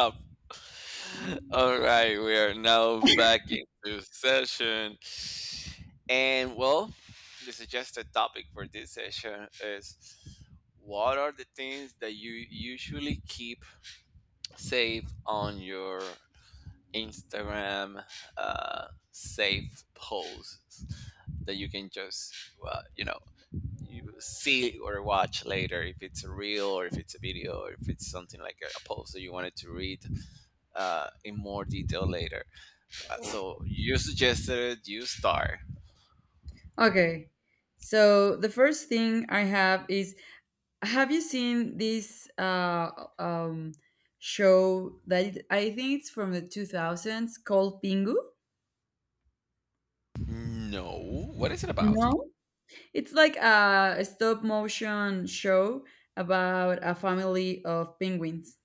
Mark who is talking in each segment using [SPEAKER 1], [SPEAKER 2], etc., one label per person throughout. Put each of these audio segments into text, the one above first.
[SPEAKER 1] Up. All right, we are now back into session. And well, the suggested topic for this session is what are the things that you usually keep safe on your Instagram safe posts that you can just, uh, you know, you see or watch later if it's a reel or if it's a video or if it's something like a post that you wanted to read in more detail later. So you suggested it, you star.
[SPEAKER 2] Okay. So the first thing I have is have you seen this um show that I think it's from the 2000s called Pingu?
[SPEAKER 1] No. What is it about?
[SPEAKER 2] No. It's like a stop motion show about a family of penguins.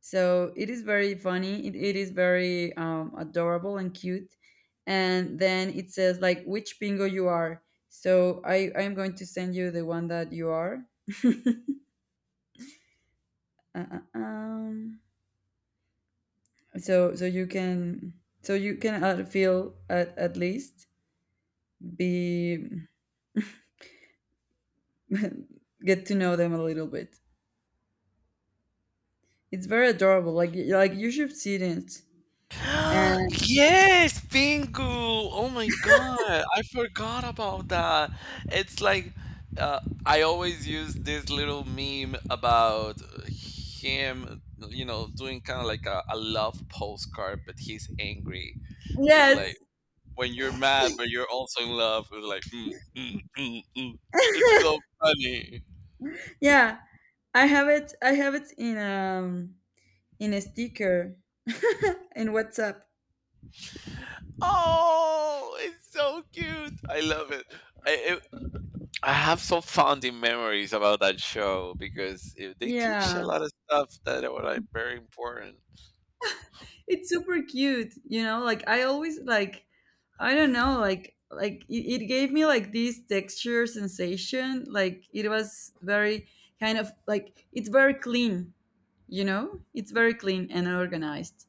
[SPEAKER 2] So it is very funny. It is very adorable and cute. And then it says like which pingu you are. So I'm going to send you the one that you are. Uh, uh, um, so you can so you can feel at least be get to know them a little bit. It's very adorable. Like like you should see it. And
[SPEAKER 1] Yes, bingo! Oh my god, I forgot about that. It's like I always use this little meme about him, you know, doing kind of like a love postcard, but he's angry. It's
[SPEAKER 2] yes,
[SPEAKER 1] like when you're mad, but you're also in love. It's like, mm, mm, mm, mm. It's so funny.
[SPEAKER 2] yeah, I have it. I have it in a sticker in WhatsApp.
[SPEAKER 1] Oh, it's so cute. I love it. I it, I have so founding memories about that show because they teach a
[SPEAKER 2] Yeah,
[SPEAKER 1] lot of stuff that were like very important.
[SPEAKER 2] it's super cute, you know, like I always like, I don't know, like it gave me like this texture sensation. Like it was very kind of like, it's very clean, you know, it's very clean and organized,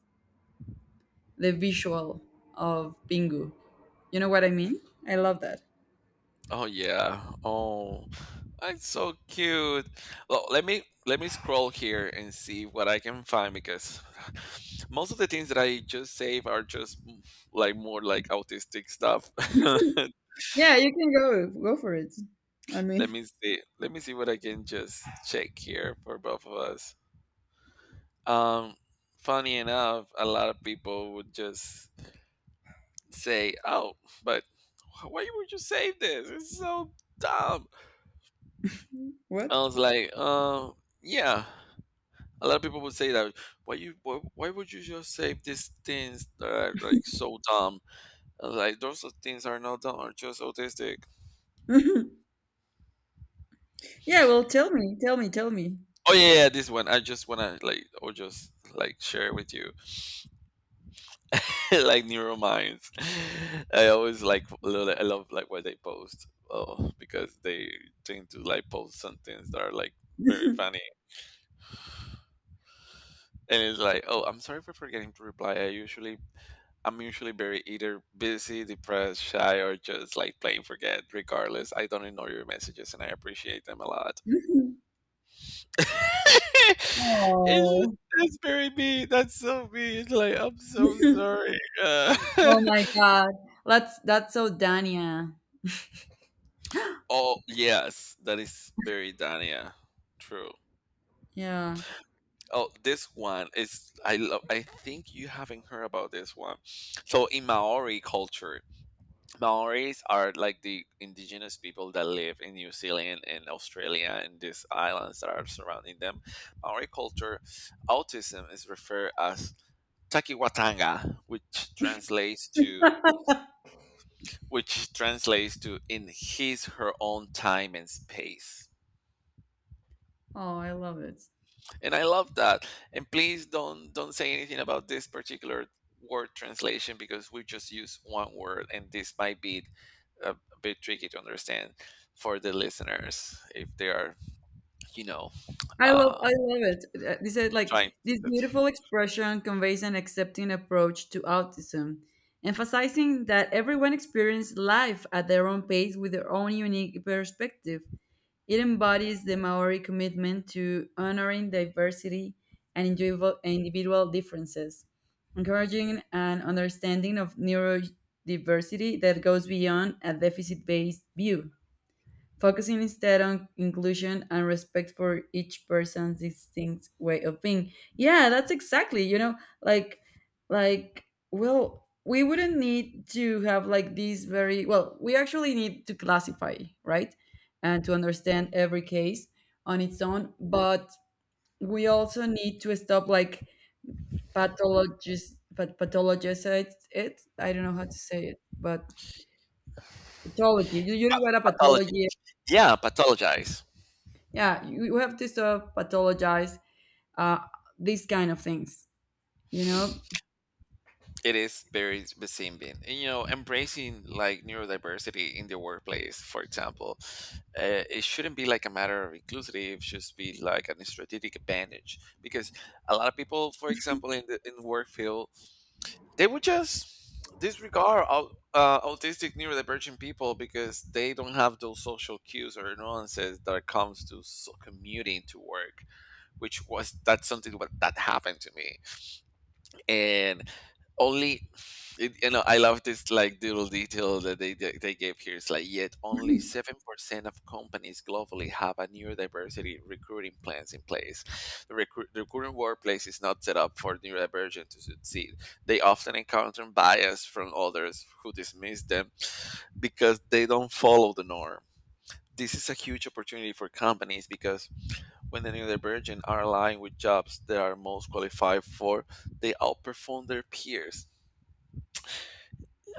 [SPEAKER 2] the visual of Pingu. You know what I mean? I love that.
[SPEAKER 1] Oh yeah. Oh, that's so cute. Well, let me scroll here and see what I can find because most of the things that I just save are just like more like autistic stuff.
[SPEAKER 2] Yeah, you can go for it, I
[SPEAKER 1] Let
[SPEAKER 2] mean.
[SPEAKER 1] me see. Let me see what I can just check here for both of us. Um, funny enough, a lot of people would just say, "Oh, but why would you save this? It's so dumb." I
[SPEAKER 2] What?
[SPEAKER 1] was like, yeah." A lot of people would say that why would you just say these things that are like so dumb? And, like those are things are not dumb, are just autistic.
[SPEAKER 2] Yeah, well, tell me, tell me, tell me.
[SPEAKER 1] Oh yeah, yeah, this one I just wanna like or just like share with you like Neurominds. I always like I love like what they post. Oh, because they tend to like post some things that are like very funny. And it's like, oh, I'm sorry for forgetting to reply. I'm usually very either busy, depressed, shy, or just like plain forget. Regardless, I don't ignore your messages and I appreciate them a lot. it's,
[SPEAKER 2] Oh.
[SPEAKER 1] that's very me. That's so me. It's like, I'm so sorry.
[SPEAKER 2] Oh my God. That's so Dania.
[SPEAKER 1] Oh, yes. That is very Dania. True.
[SPEAKER 2] Yeah.
[SPEAKER 1] Oh, this one is I love. I think you haven't heard about this one. So in Maori culture, Maoris are like the indigenous people that live in New Zealand and Australia and these islands that are surrounding them. Maori culture, autism is referred as takiwatanga, which translates to in his her own time and space.
[SPEAKER 2] Oh, I love it.
[SPEAKER 1] And I love that. And please don't say anything about this particular word translation because we just use one word, and this might be a, bit tricky to understand for the listeners if they are, you know, uh,
[SPEAKER 2] I love it. This is
[SPEAKER 1] trying
[SPEAKER 2] like
[SPEAKER 1] to
[SPEAKER 2] this beautiful expression conveys an accepting approach to autism, emphasizing that everyone experiences life at their own pace with their own unique perspective. It embodies the Maori commitment to honoring diversity and individual differences, encouraging an understanding of neurodiversity that goes beyond a deficit based view, focusing instead on inclusion and respect for each person's distinct way of being. Yeah, that's exactly, you know, like like well, we wouldn't need to have like these very, well, we actually need to classify, right? And to understand every case on its own, but we also need to stop like pathologist but pathologicize it. I don't know how to say it, but pathology. You know what a
[SPEAKER 1] pathologize.
[SPEAKER 2] pathology.
[SPEAKER 1] Yeah, pathologize.
[SPEAKER 2] Yeah, you have to sort of pathologize uh these kind of things, you know.
[SPEAKER 1] It is very deceiving. And, you know, embracing like neurodiversity in the workplace, for example, it shouldn't be like a matter of inclusivity. It should be like a strategic advantage because a lot of people, for example, in the work field, they would just disregard all, autistic neurodivergent people because they don't have those social cues or nuances that comes to so commuting to work, which was that's something what that happened to me and only it, you know, I love this like little detail that they gave here. It's like, yet only 7% of companies globally have a neurodiversity recruiting plans in place. The recruiting workplace is not set up for neurodivergent to succeed. They often encounter bias from others who dismiss them because they don't follow the norm. This is a huge opportunity for companies because when the neurodivergent are aligned with jobs they are most qualified for, they outperform their peers.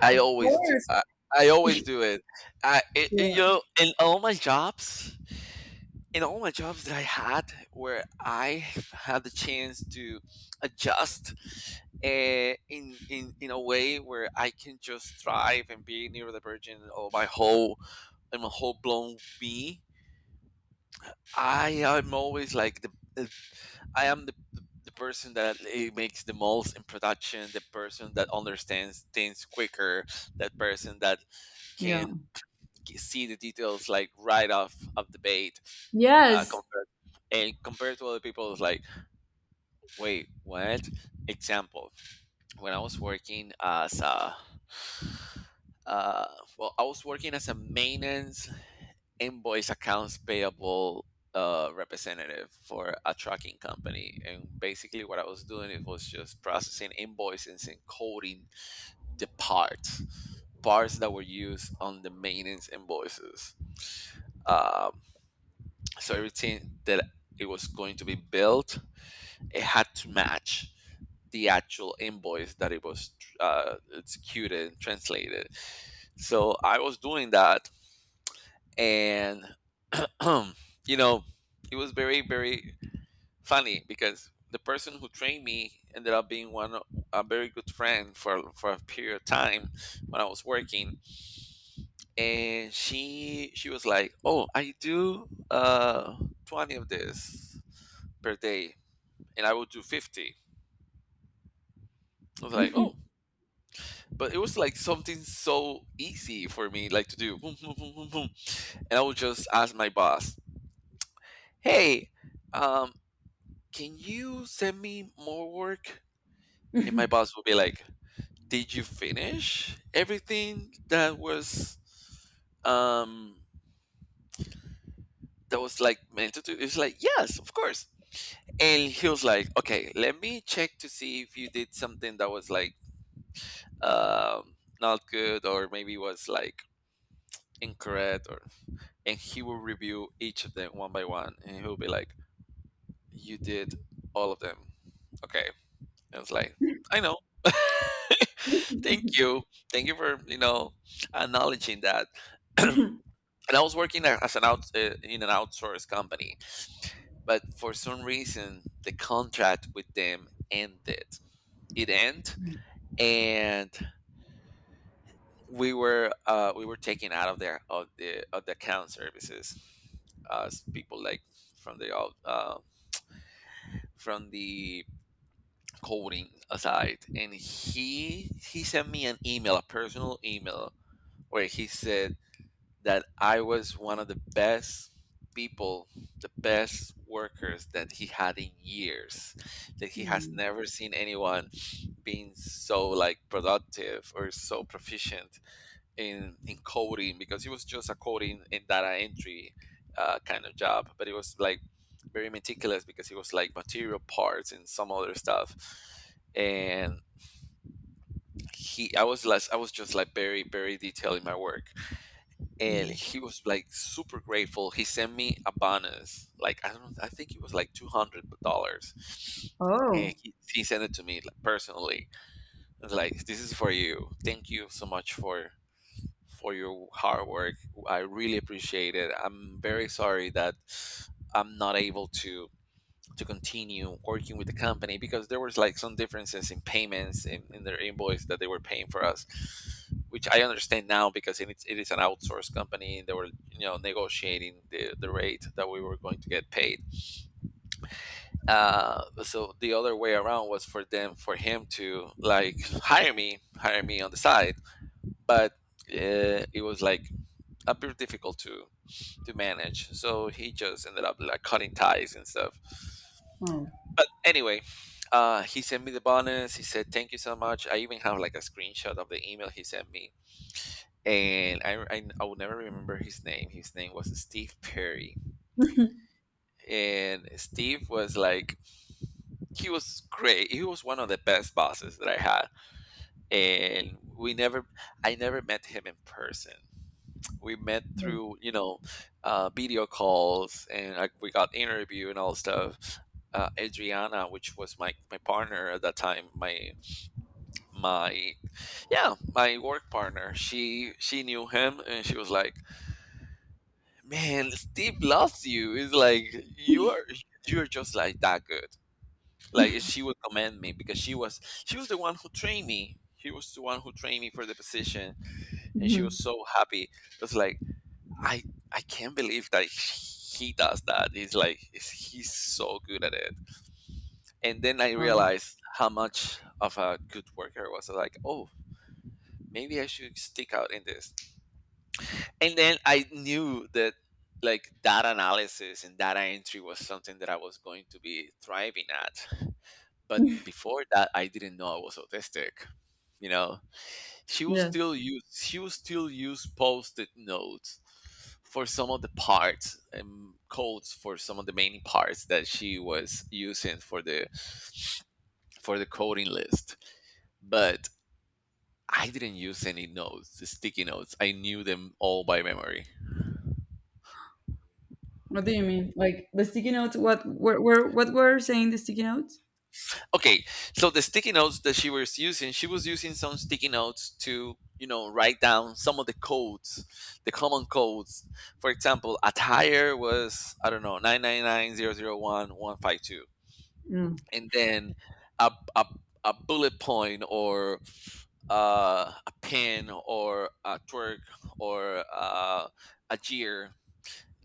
[SPEAKER 1] I
[SPEAKER 2] Of
[SPEAKER 1] always do.
[SPEAKER 2] course.
[SPEAKER 1] I always do it. I, you
[SPEAKER 2] Yeah.
[SPEAKER 1] know, in all my jobs, in all my jobs that I had, where I had the chance to adjust uh, in, in a way where I can just thrive and be neurodivergent or my whole I'm a whole blown me. I am always like the I am the person that it makes the most in production, the person that understands things quicker, that person that
[SPEAKER 2] Yeah.
[SPEAKER 1] can see the details like right off of the bait, uh,
[SPEAKER 2] Yes.
[SPEAKER 1] compared compared to other people. It's like, wait, what. Example, when I was working as a uh, well, I was working as a maintenance invoice accounts payable representative for a trucking company, and basically what I was doing it was just processing invoices and coding the parts that were used on the maintenance invoices. Uh, So everything that it was going to be built, it had to match the actual invoice that it was executed and translated. So I was doing that, and you know, it was very funny because the person who trained me ended up being a very good friend for a period of time when I was working, and she was like, "Oh, I do 20 of this." per day, and I would do 50. I was like, oh, but it was like something so easy for me, like to do. Boom, boom, boom, boom, boom. And I would just ask my boss, hey, um, can you send me more work? And my boss would be like, did you finish everything um, that was like meant to do? It's like, yes, of course. And he was like, okay, let me check to see if you did something that was like, not good or maybe was like incorrect or, and he will review each of them one by one, and he'll be like, you did all of them. Okay. And it's like, I know. Thank you. Thank you for, you know, acknowledging that. And I was working as an out in an outsourced company, but for some reason the contract with them ended. It ended. And we were taken out of there, of the account services, as people like from the from the coding aside. And he sent me an email, a personal email, where he said that I was one of the best people, the best workers that he had in years. That he has
[SPEAKER 2] Hmm,
[SPEAKER 1] never seen anyone being so like productive or so proficient in coding because it was just a coding and data entry kind of job, but it was like very meticulous because it was like material parts and some other stuff. And I was less, I was just like very, very detailed in my work, and
[SPEAKER 2] hmm.
[SPEAKER 1] he was like super grateful. He sent me a bonus, like I don't, I think it was like $200, and
[SPEAKER 2] Oh.
[SPEAKER 1] he sent it to me like, personally. I was like, "This is for you. Thank you so much for your hard work. I really appreciate it. I'm very sorry that I'm not able to continue working with the company because there was like some differences in payments in their invoice that they were paying for us, which I understand now because it is an outsourced company, and they were, you know, negotiating the rate that we were going to get paid. So the other way around was for them for him to like hire me on the side, but it was like appear difficult to manage. So he just ended up like cutting ties and stuff.
[SPEAKER 2] Oh.
[SPEAKER 1] But anyway, he sent me the bonus. He said thank you so much. I even have like a screenshot of the email he sent me, and I will never remember his name. His name was Steve Perry, and Steve was like he was great. He was one of the best bosses that I had, and we never I never met him in person. We met
[SPEAKER 2] Hmm.
[SPEAKER 1] through, you know, video calls and like we got interview and all stuff. Adriana, which was my my partner at that time, my yeah, my work partner, she knew him, and she was like, man, Steve loves you. It's like, you are, you're just like that good. Like she would commend me because she was the one who trained me. She was the one who trained me for the position, and she was
[SPEAKER 2] Mhm.
[SPEAKER 1] so happy. It's like, I I can't believe that he does that. He's like he's so good at it. And then I
[SPEAKER 2] Wow.
[SPEAKER 1] realized how much of a good worker I was. I was like, oh, maybe I should stick out in this. And then I knew that like data analysis and data entry was something that I was going to be thriving at. But before that, I didn't know I was autistic. You know, She will
[SPEAKER 2] Yeah,
[SPEAKER 1] still use she will still use post-it notes for some of the parts and codes for some of the main parts that she was using for the coding list. But I didn't use any notes, the sticky notes. I knew them all by memory.
[SPEAKER 2] what do you mean, like the sticky notes? What were, what were saying the sticky notes?
[SPEAKER 1] Okay, so the sticky notes that she was using some sticky notes to write down some of the codes, the common codes. For example, attire was, I don't know, 999001 152,
[SPEAKER 2] Mm.
[SPEAKER 1] and then a, a, a bullet point or a pin or a twerk or a jeer.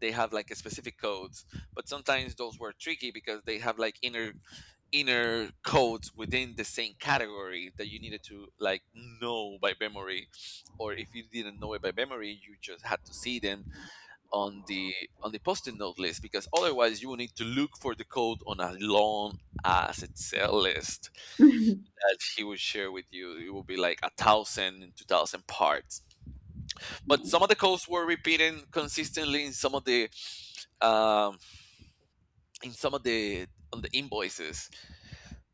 [SPEAKER 1] They have like a specific codes, but sometimes those were tricky because they have like inner codes within the same category that you needed to like know by memory, or if you didn't know it by memory you just had to see them on the post-it note list, because otherwise you will need to look for the code on a long ass Excel list that he would share with you. It will be like a thousand and two thousand parts. But some of the codes were repeating consistently in some of the um in some of the on the invoices,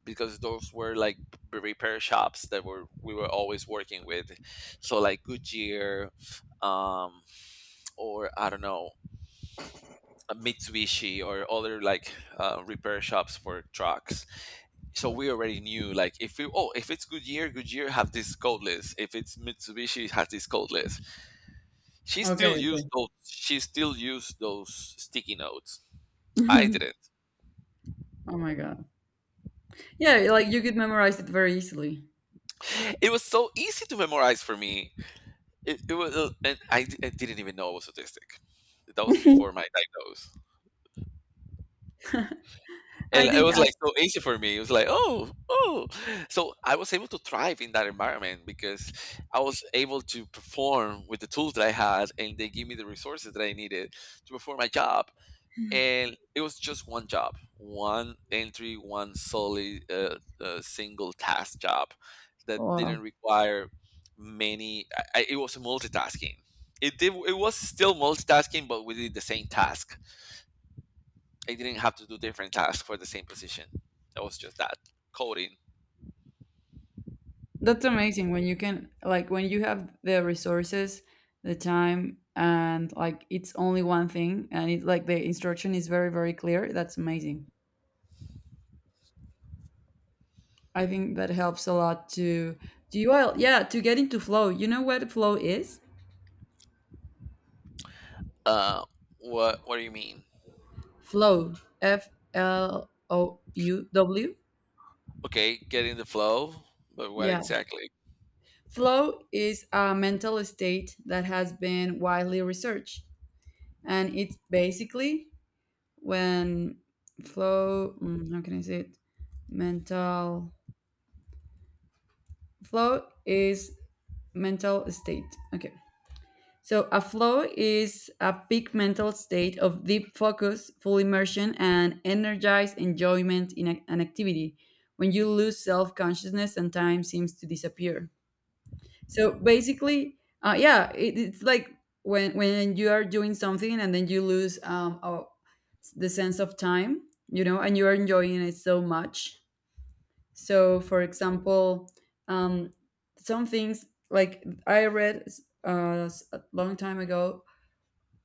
[SPEAKER 1] because those were like b- repair shops that were we were always working with. So like Goodyear, um, or I don't know, a Mitsubishi, or other like repair shops for trucks. So we already knew like, if we, oh, if it's Goodyear, Goodyear have this code list; if it's Mitsubishi, it has this code list. she
[SPEAKER 2] Okay,
[SPEAKER 1] still used
[SPEAKER 2] okay.
[SPEAKER 1] those she still used those sticky notes. I didn't.
[SPEAKER 2] Oh my god. Yeah, like you could memorize it very easily.
[SPEAKER 1] It was so easy to memorize for me. It was, and I didn't even know I was autistic. That was before my diagnosis, and
[SPEAKER 2] i
[SPEAKER 1] it
[SPEAKER 2] think
[SPEAKER 1] was
[SPEAKER 2] i
[SPEAKER 1] like so easy for me. It was like, oh, oh. So I was able to thrive in that environment because I was able to perform with the tools that I had, and they gave me the resources that I needed to perform my job. And it was just one job, one entry, one solely single task job that
[SPEAKER 2] Wow.
[SPEAKER 1] didn't require many. It was multitasking. It was still multitasking, but we did the same task. I didn't have to do different tasks for the same position. That was just that, coding.
[SPEAKER 2] That's amazing when you can, like when you have the resources, the time, and like it's only one thing and it's like the instruction is very, very clear. That's amazing. I think that helps a lot to, do you all, yeah, to get into flow. You know what flow is?
[SPEAKER 1] Uh, what do you mean?
[SPEAKER 2] Flow. FLOUW.
[SPEAKER 1] Okay, get in the flow, but what
[SPEAKER 2] Yeah.
[SPEAKER 1] exactly?
[SPEAKER 2] Flow is a mental state that has been widely researched and it's basically when flow, mm, how can I say it? Mental flow is mental state. Okay, so a flow is a peak mental state of deep focus, full immersion and energized enjoyment in an activity when you lose self-consciousness and time seems to disappear. So basically, yeah, it's like when you are doing something and then you lose oh, the sense of time, you know, and you are enjoying it so much. So, for example, um, some things like I read a long time ago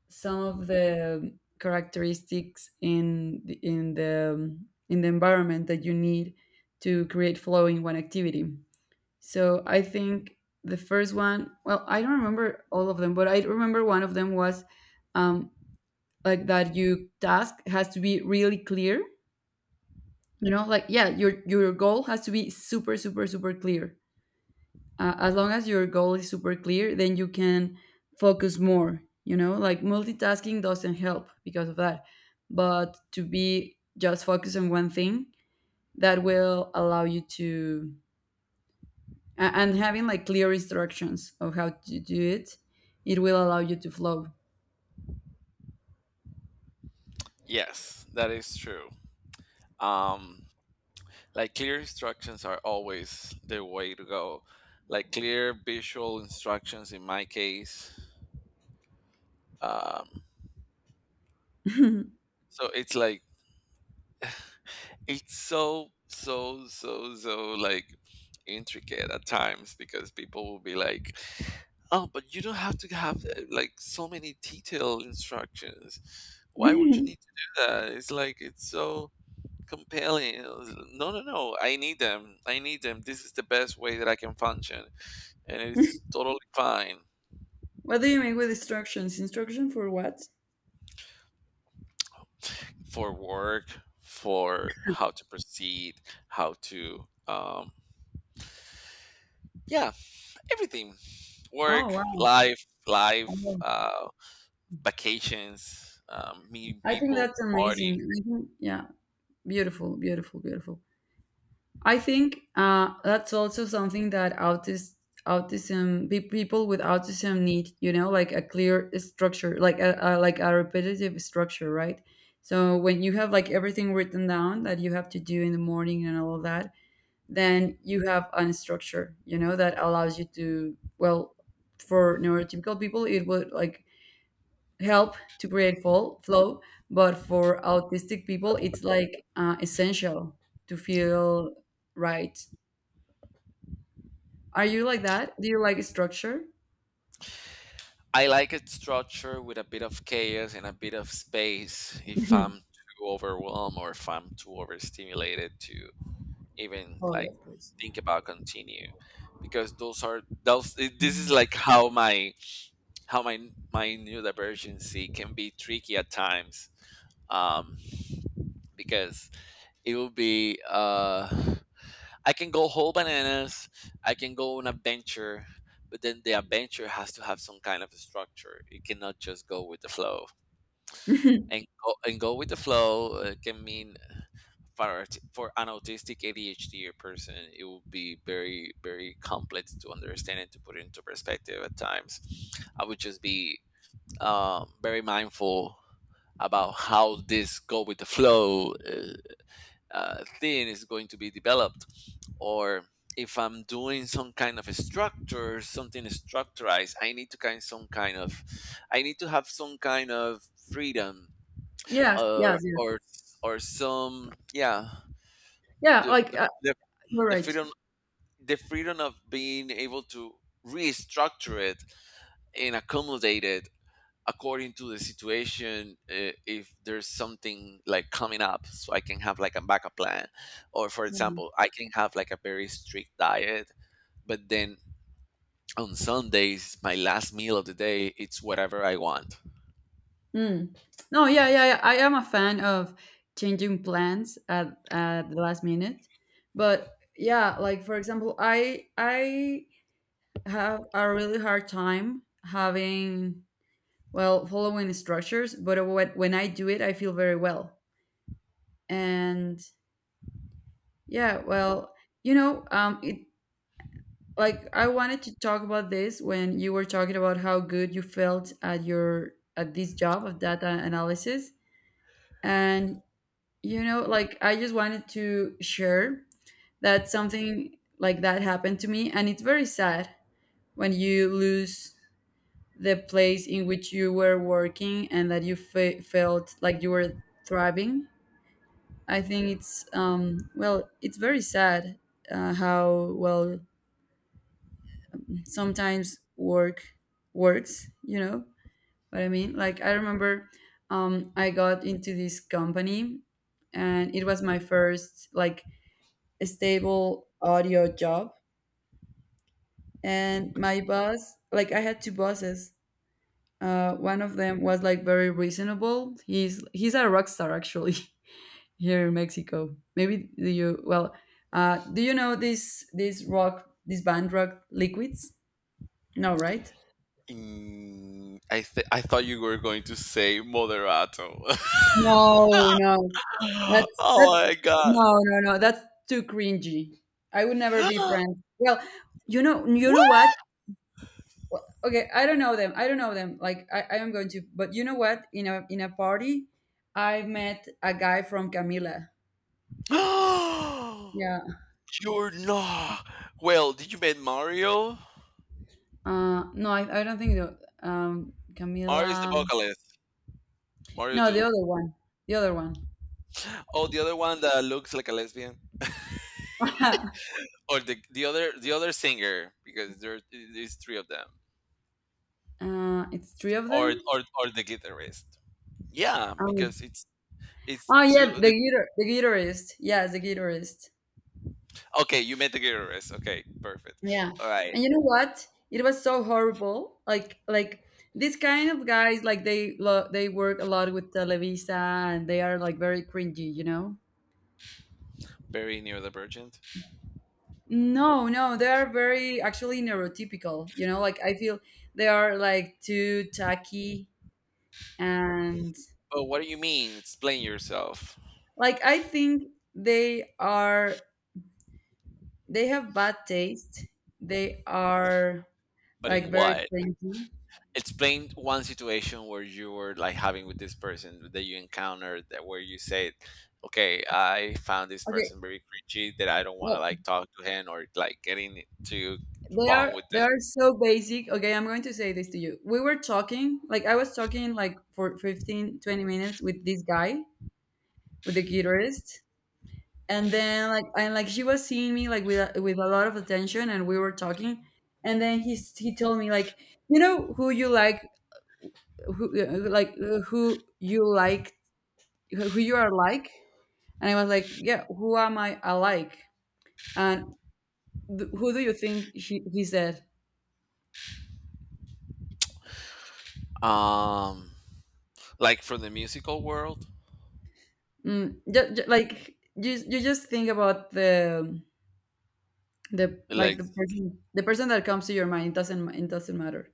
[SPEAKER 2] some of the characteristics in in the environment that you need to create flow in one activity. So I think the first one, well, I don't remember all of them, but I remember one of them was um, like that you task has to be really clear. You know, like yeah, your goal has to be super super super clear. As long as your goal is super clear, then you can focus more. You know, like multitasking doesn't help because of that, but to be just focused on one thing, that will allow you to. And having like clear instructions of how to do it, it will allow you to flow.
[SPEAKER 1] Yes, that is true. um like clear instructions are always the way to go, like clear visual instructions in my case. um, so it's like, it's so so so so like intricate at times, because people will be like, oh, but you don't have to have, like so many detailed instructions, why would you need to do that? It's like, it's so compelling. I was, no no no, I need them, I need them, this is the best way that I can function, and it's totally fine.
[SPEAKER 2] What do you mean with instructions? Instruction for what?
[SPEAKER 1] For work, for how to proceed, how to, yeah, everything.
[SPEAKER 2] Oh
[SPEAKER 1] Work,
[SPEAKER 2] wow.
[SPEAKER 1] life,
[SPEAKER 2] Wow.
[SPEAKER 1] uh, vacations, meeting
[SPEAKER 2] I think
[SPEAKER 1] people,
[SPEAKER 2] that's amazing.
[SPEAKER 1] party.
[SPEAKER 2] I think, yeah, beautiful, beautiful, beautiful. I think that's also something that autist autism people with autism need, you know, like a clear structure, like a like a repetitive structure, right? So when you have like everything written down that you have to do in the morning and all of that, then you have a structure, you know, that allows you to, well, for neurotypical people, it would like help to create full flow, but for autistic people, it's like essential to feel right. Are you like that? Do you like structure?
[SPEAKER 1] I like a structure with a bit of chaos and a bit of space if I'm
[SPEAKER 2] Mhm.
[SPEAKER 1] too overwhelmed or if I'm too overstimulated to even
[SPEAKER 2] Oh,
[SPEAKER 1] like
[SPEAKER 2] yes, of course.
[SPEAKER 1] think about, continue, because those are those this is
[SPEAKER 2] Mhm.
[SPEAKER 1] like how my how my my new divergency can be tricky at times. um, because it will be I can go whole bananas, I can go on adventure, but then the adventure has to have some kind of structure. It cannot just go with the flow. And go with the flow, can mean for for an autistic ADHD person, it will be very very complex to understand and to put into perspective at times. I would just be, very mindful about how this go with the flow thing is going to be developed. Or if I'm doing some kind of a structure, something structurized, I need to kind some kind of, I need to have some kind of freedom,
[SPEAKER 2] Yes,
[SPEAKER 1] or
[SPEAKER 2] yes, yes.
[SPEAKER 1] or or some, yeah.
[SPEAKER 2] Yeah,
[SPEAKER 1] the
[SPEAKER 2] like
[SPEAKER 1] the, the,
[SPEAKER 2] you're
[SPEAKER 1] the
[SPEAKER 2] right.
[SPEAKER 1] freedom, the freedom of being able to restructure it and accommodate it according to the situation, if there's something like coming up, so I can have like a backup plan. Or for
[SPEAKER 2] Yeah.
[SPEAKER 1] example, I can have like a very strict diet, but then on Sundays, my last meal of the day, it's whatever I want.
[SPEAKER 2] Mm. No, yeah, yeah, yeah. I am a fan of changing plans at the last minute, but yeah, like for example, I have a really hard time having, well, following structures, but when I do it, I feel very well. And yeah, well, you know, it like, I wanted to talk about this when you were talking about how good you felt at your at this job of data analysis. And, you know, like, I just wanted to share that something like that happened to me, and it's very sad when you lose the place in which you were working and that you felt like you were thriving. I think it's, well, it's very sad, how, well, sometimes work works, you know what I mean? Like I remember, I got into this company and it was my first like stable audio job, and my boss, like I had two bosses. One of them was like very reasonable. He's a rock star actually. Here in Mexico, maybe, do you, well, do you know this this rock this band rock liquids? No, right?
[SPEAKER 1] Mm, I thought you were going to say moderato.
[SPEAKER 2] No, no, that's
[SPEAKER 1] Oh
[SPEAKER 2] that's
[SPEAKER 1] my god!
[SPEAKER 2] no no no, that's too cringy. I would never be friends. Well, you know, you know what,
[SPEAKER 1] What?
[SPEAKER 2] well, okay, I don't know them. Like I am going to, but you know what, in a party, I met a guy from Camila. Yeah.
[SPEAKER 1] You're not. Well, did you meet Mario?
[SPEAKER 2] No, I I don't think the,
[SPEAKER 1] Mario's the
[SPEAKER 2] Camila.
[SPEAKER 1] vocalist. Mario
[SPEAKER 2] No, the
[SPEAKER 1] Doom.
[SPEAKER 2] other one, the other one
[SPEAKER 1] Oh, the other one that looks like a lesbian, or the other, the other singer, because there is three of them,
[SPEAKER 2] uh, it's three of
[SPEAKER 1] or
[SPEAKER 2] them.
[SPEAKER 1] the guitarist. Yeah,
[SPEAKER 2] Um,
[SPEAKER 1] because it's
[SPEAKER 2] oh
[SPEAKER 1] two.
[SPEAKER 2] yeah,
[SPEAKER 1] The,
[SPEAKER 2] the guitarist, yes, the guitarist.
[SPEAKER 1] okay, you met the guitarist. Okay, perfect.
[SPEAKER 2] Yeah.
[SPEAKER 1] All right,
[SPEAKER 2] And you know what? It was so horrible. Like these kind of guys like they they work a lot with Televisa and they are like very cringy, you know?
[SPEAKER 1] very near the virgin.
[SPEAKER 2] No, no, they are very actually neurotypical, you know? Like I feel they are like too tacky and
[SPEAKER 1] But what do you mean? Explain yourself.
[SPEAKER 2] like I think they are, they have bad taste. They are
[SPEAKER 1] But in
[SPEAKER 2] like very
[SPEAKER 1] what?
[SPEAKER 2] cringy.
[SPEAKER 1] Explain one situation where you were like having with this person that you encountered, that where you said, okay, I found this
[SPEAKER 2] Okay,
[SPEAKER 1] person very cringy that I don't want to
[SPEAKER 2] well,
[SPEAKER 1] like talk to him or like getting to bond with
[SPEAKER 2] They are so basic. Okay, I'm going to say this to you. We were talking, like I was talking like for 15, 20 minutes with this guy, with the guitarist. And then like, and like she was seeing me like with with a lot of attention, and we were talking. And then he he told me like, "You know who you like, who who you like, who you are like?" And I was like, "Yeah, who am I alike?" And who do you think he said?
[SPEAKER 1] them. Um, like, from the musical world?
[SPEAKER 2] Mm, like you just think about the like
[SPEAKER 1] Like,
[SPEAKER 2] the person, that comes to your mind. It doesn't it doesn't matter.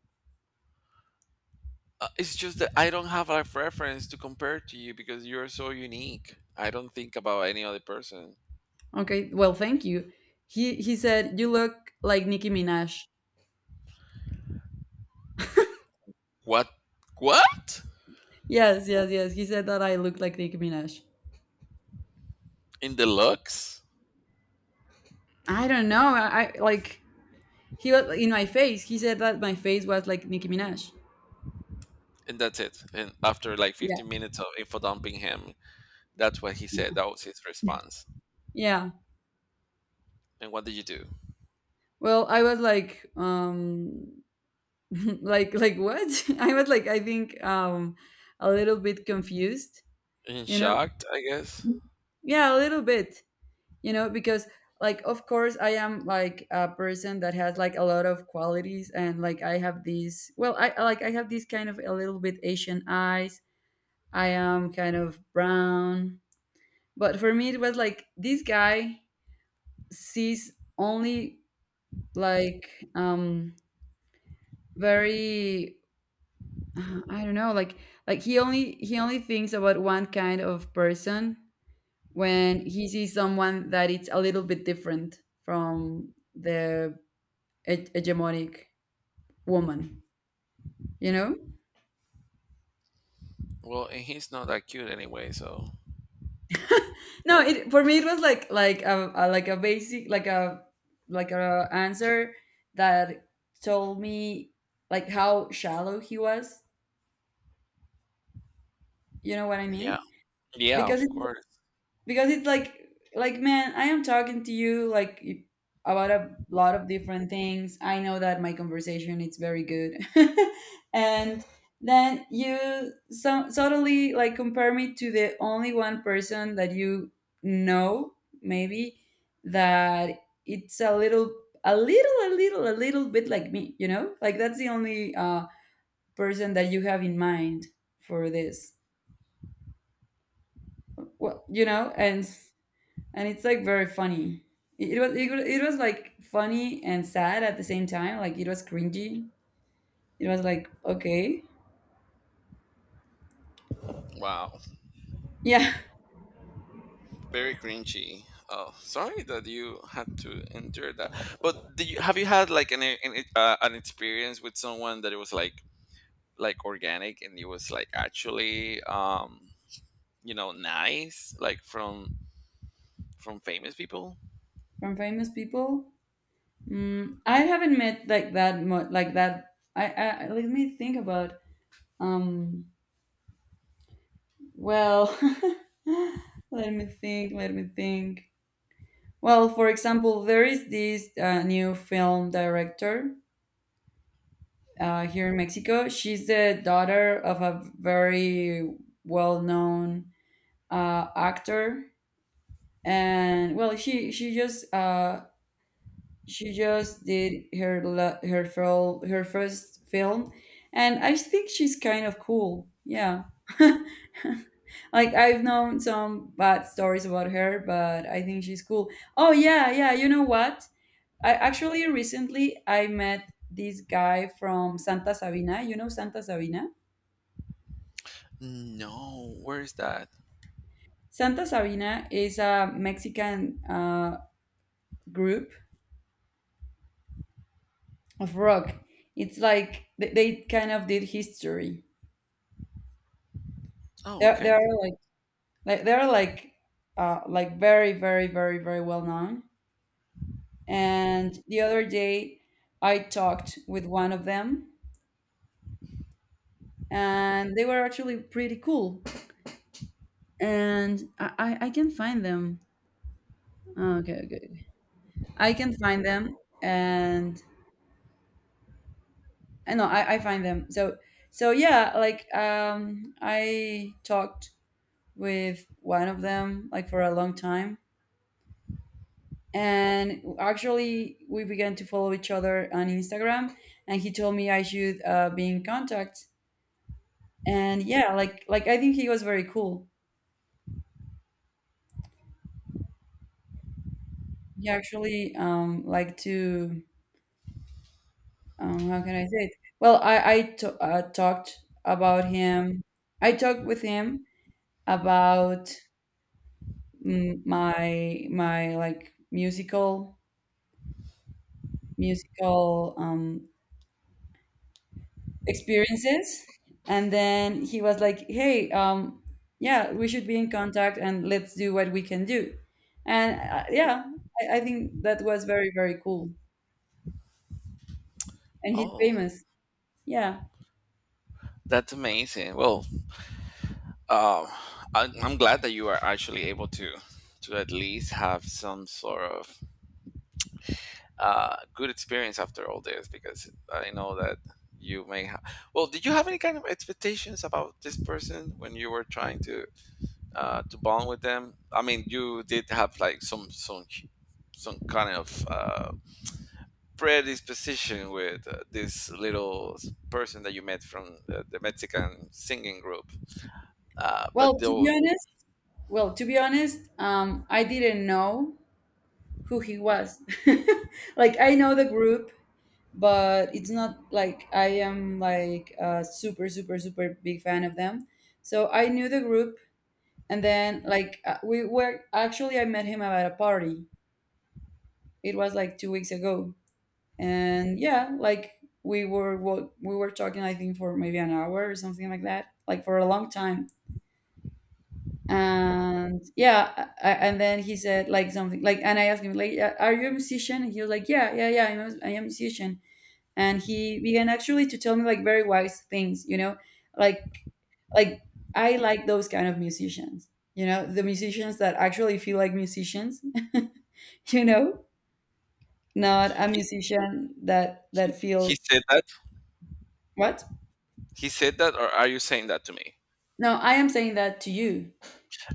[SPEAKER 1] it's just that I don't have a preference to compare to you because you're so unique, I don't think about any other person.
[SPEAKER 2] Okay, well, thank you. He said you look like Nicki Minaj.
[SPEAKER 1] What? What?
[SPEAKER 2] Yes, yes, yes. He said that I look like Nicki Minaj.
[SPEAKER 1] In the looks?
[SPEAKER 2] I don't know. I like, he was in my face. He said that my face was like Nicki Minaj.
[SPEAKER 1] And that's it? And after like
[SPEAKER 2] Yeah,
[SPEAKER 1] 15 minutes of info dumping him? That's what he said. That was his response.
[SPEAKER 2] yeah.
[SPEAKER 1] And what did you do?
[SPEAKER 2] Well, I was like, like what? I was like, I think, a little bit confused
[SPEAKER 1] In
[SPEAKER 2] you know
[SPEAKER 1] shocked, I guess.
[SPEAKER 2] yeah, a little bit, because like of course I am like a person that has like a lot of qualities, and like I have these, well I like I have these kind of a little bit Asian eyes. I am kind of brown, but for me it was like this guy sees only, like, um very, I don't know, like, like he only thinks about one kind of person when he sees someone that it's a little bit different from hegemonic woman, you know.
[SPEAKER 1] Well, and he's not that cute anyway, so.
[SPEAKER 2] No, it for me it was like, like a like a basic, like a answer that told me like how shallow he was, you know what I
[SPEAKER 1] Yeah.
[SPEAKER 2] mean?
[SPEAKER 1] Yeah,
[SPEAKER 2] Because
[SPEAKER 1] of
[SPEAKER 2] it's
[SPEAKER 1] course.
[SPEAKER 2] because it's like, man, I am talking to you like about a lot of different things. I know that my conversation is very good. And then you so suddenly like compare me to the only one person that you know, maybe, that it's a little a little bit like me, you know, like that's the only person that you have in mind for this. Well, you know, and it's like very funny. It was like funny and sad at the same time. Like it was cringy. It was like, okay,
[SPEAKER 1] Wow.
[SPEAKER 2] yeah.
[SPEAKER 1] Very cringy. Oh, sorry that you had to endure that. But do you, have you had like an experience with someone that it was like organic and it was like actually, you know, nice, like from famous people?
[SPEAKER 2] From famous people, mm, I haven't met like that much. Like that, I let me think about. Um, well, let me think. Let me think. Well, for example, there is this new film director here in Mexico. She's the daughter of a very well-known actor, and well, she just she just did her her first film, and I think she's kind of cool. Yeah, like I've known some bad stories about her, but I think she's cool. Oh yeah, yeah. You know what? I actually recently I met this guy from Santa Sabina. You know Santa Sabina?
[SPEAKER 1] No, where is that?
[SPEAKER 2] Santa Sabina is a Mexican group of rock. It's like they kind of did history.
[SPEAKER 1] Oh,
[SPEAKER 2] They
[SPEAKER 1] okay.
[SPEAKER 2] are like they are like very very well known. And the other day, I talked with one of them, and they were actually pretty cool. And I can find them. Oh, okay, okay. I can find them, and I know I find them. So so yeah, like, I talked with one of them like for a long time, and actually we began to follow each other on Instagram, and he told me I should be in contact. And yeah, like, I think he was very cool. He actually like to how can I say it? Well, I talked about him I talked with him about, mm, my like musical, musical um experiences. And then he was like, "Hey, yeah, we should be in contact, and let's do what we can do." And yeah, I think that was very very cool, and he's
[SPEAKER 1] Oh,
[SPEAKER 2] famous. Yeah.
[SPEAKER 1] that's amazing. Well, um, I'm glad that you are actually able to at least have some sort of, good experience after all this, because I know that you may have. Well, did you have any kind of expectations about this person when you were trying to, to bond with them? I mean, you did have like some kind of, predisposition with, this little person that you met from the Mexican singing group, but
[SPEAKER 2] Well, to
[SPEAKER 1] though.
[SPEAKER 2] be honest, well, to be honest, I didn't know who he was. Like I know the group, but it's not like I am like a super super big fan of them. So I knew the group. And then, like, we were actually, I met him at a party. It was like 2 weeks ago. And yeah, like, we were talking, I think, for maybe an hour or something like that, like for a long time. And yeah, I- and then he said like something like, and I asked him like, "Yeah, are you a musician?" And he was like, "Yeah, yeah, yeah, I am a musician." And he began actually to tell me like very wise things, you know, like like, I like those kind of musicians, you know, the musicians that actually feel like musicians. You know, not a musician that
[SPEAKER 1] He
[SPEAKER 2] feels.
[SPEAKER 1] said that.
[SPEAKER 2] What?
[SPEAKER 1] He said that, or are you saying that to me?
[SPEAKER 2] No, I am saying that to you.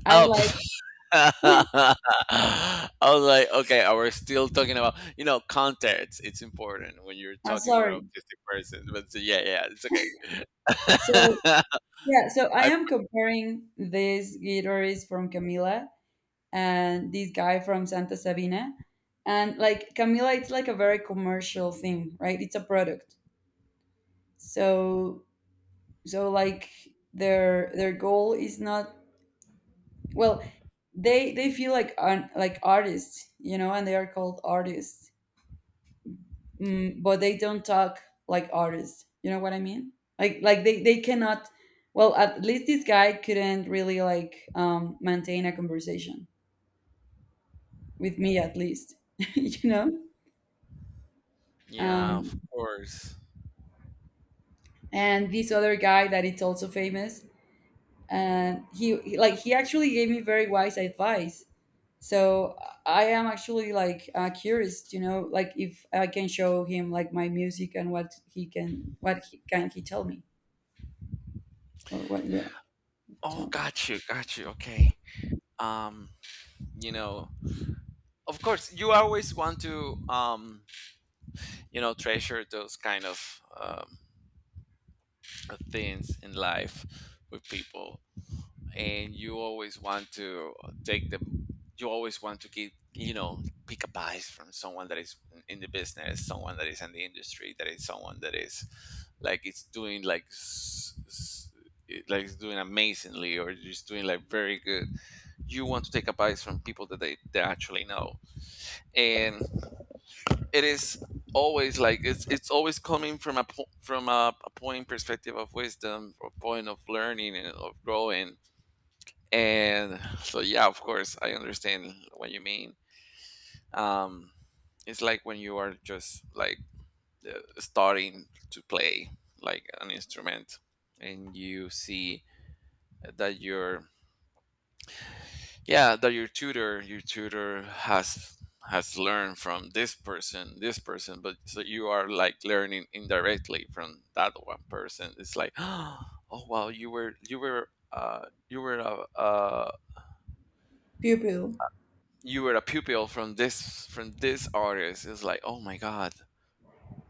[SPEAKER 2] I
[SPEAKER 1] Up.
[SPEAKER 2] like—
[SPEAKER 1] I was like, okay, I, we're still talking about, you know, context. It's important when you're
[SPEAKER 2] I'm
[SPEAKER 1] talking with an
[SPEAKER 2] sorry.
[SPEAKER 1] autistic person. But so, yeah, yeah, it's okay.
[SPEAKER 2] So yeah, so I
[SPEAKER 1] I,
[SPEAKER 2] am comparing this guitarist from Camila and this guy from Santa Sabina. And like, Camila, it's like a very commercial thing, right? It's a product. So so like, their goal is not, well, they feel like an, like artists, you know, and they are called artists. Mm, but they don't talk like artists, you know what I mean? Like they cannot, well, at least this guy couldn't really like, maintain a conversation with me at least. You know?
[SPEAKER 1] yeah,
[SPEAKER 2] um,
[SPEAKER 1] of course.
[SPEAKER 2] and this other guy that it's also famous, and like he actually gave me very wise advice. So I am actually like, curious, you know, like if I can show him like my music, and what he can he tell me, or what. Yeah,
[SPEAKER 1] Oh,
[SPEAKER 2] tell me.
[SPEAKER 1] got you, got you. Okay. Um, you know, of course, you always want to, you know, treasure those kind of, things in life with people. And you always want to take the, you always want to keep, you know, pick advice from someone that is in the business, someone that is in the industry, that is someone that is like, it's doing like, like it's doing amazingly, or just doing like very good. You want to take advice from people that they actually know. And it is always like, it's always coming from a from a point perspective of wisdom, or point of learning and of growing. And so, yeah, of course, I understand what you mean. Um, it's like when you are just like, starting to play like an instrument, and you see that your, yeah, that your tutor, your tutor has learned from this person, this person, but so you are like learning indirectly from that one person. It's like oh wow, you were, you were, you were a,
[SPEAKER 2] Pupil.
[SPEAKER 1] you were a pupil from this, from this artist. It's like, oh my god,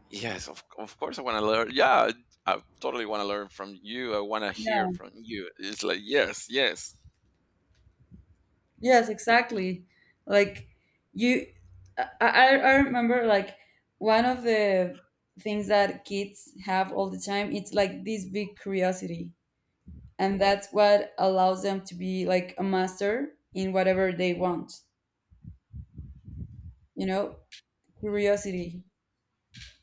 [SPEAKER 1] yes, of course I want to learn, yeah, I totally want to learn from you, I want to hear
[SPEAKER 2] Yeah.
[SPEAKER 1] from you, it's like, yes, yes,
[SPEAKER 2] Yes, exactly. Like, you, I remember like one of the things that kids have all the time, it's like this big curiosity. And that's what allows them to be like a master in whatever they want, you know, curiosity.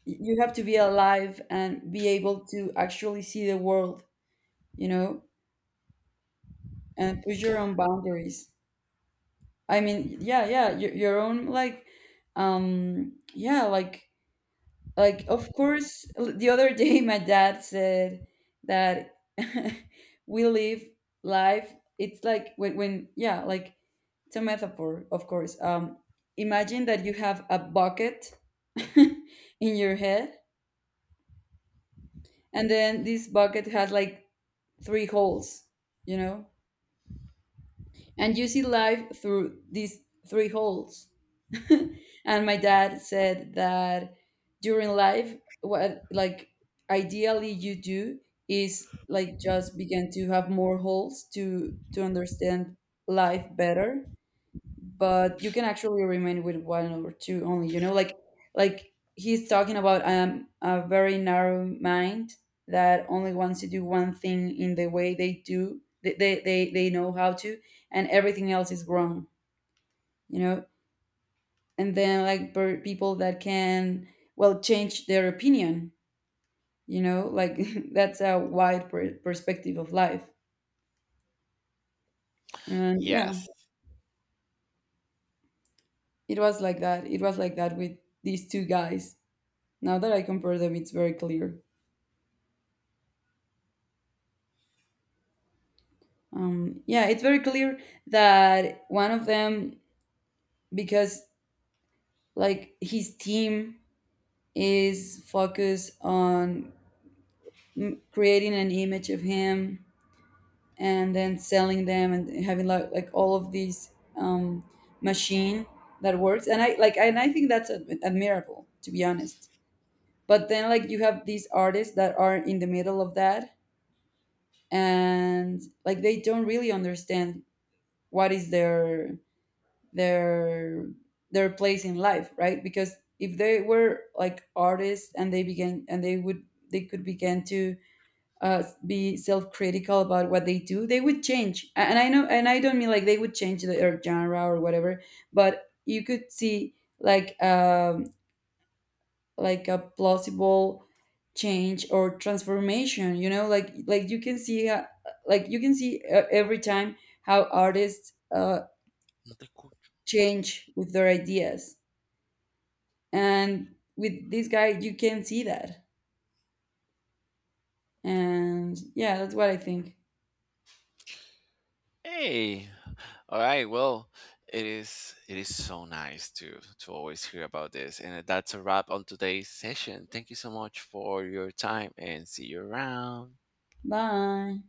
[SPEAKER 2] You have to be alive and be able to actually see the world, you know, and push your own boundaries. I mean, yeah, yeah, your own like, um yeah like like, of course, the other day my dad said that we live life. It's like when, yeah, like, it's a metaphor, of course. Imagine that you have a bucket in your head, and then this bucket has like three holes, you know, and you see life through these three holes. And my dad said that during life what like ideally you do is like just begin to have more holes to understand life better. But you can actually remain with one or two only, you know, like he's talking about, a very narrow mind that only wants to do one thing in the way they do, they know how to, and everything else is wrong, you know. And then like people that can, well, change their opinion, you know, like that's a wide perspective of life. And yeah,
[SPEAKER 1] yes.
[SPEAKER 2] it was like that, it was like that with these two guys. Now that I compare them, it's very clear. Um, yeah, it's very clear that one of them, because like his team is focused on, mm, creating an image of him and then selling them and having like all of these, um, machine that works. And I like and I think that's admirable, to be honest. But then like you have these artists that are in the middle of that, and like they don't really understand what is their their their place in life, right? Because if they were like artists and they began, and they could begin to, be self-critical about what they do, they would change. And I know, and I don't mean like they would change their genre or whatever, but you could see like, like a plausible change or transformation, you know, like you can see, you can see, every time how artists
[SPEAKER 1] Another cool-
[SPEAKER 2] change with their ideas. And with this guy you can see that. And yeah, that's what I think.
[SPEAKER 1] hey, all right, well, it is, it is so nice to always hear about this, and that's a wrap on today's session. Thank you so much for your time, and see you around.
[SPEAKER 2] Bye.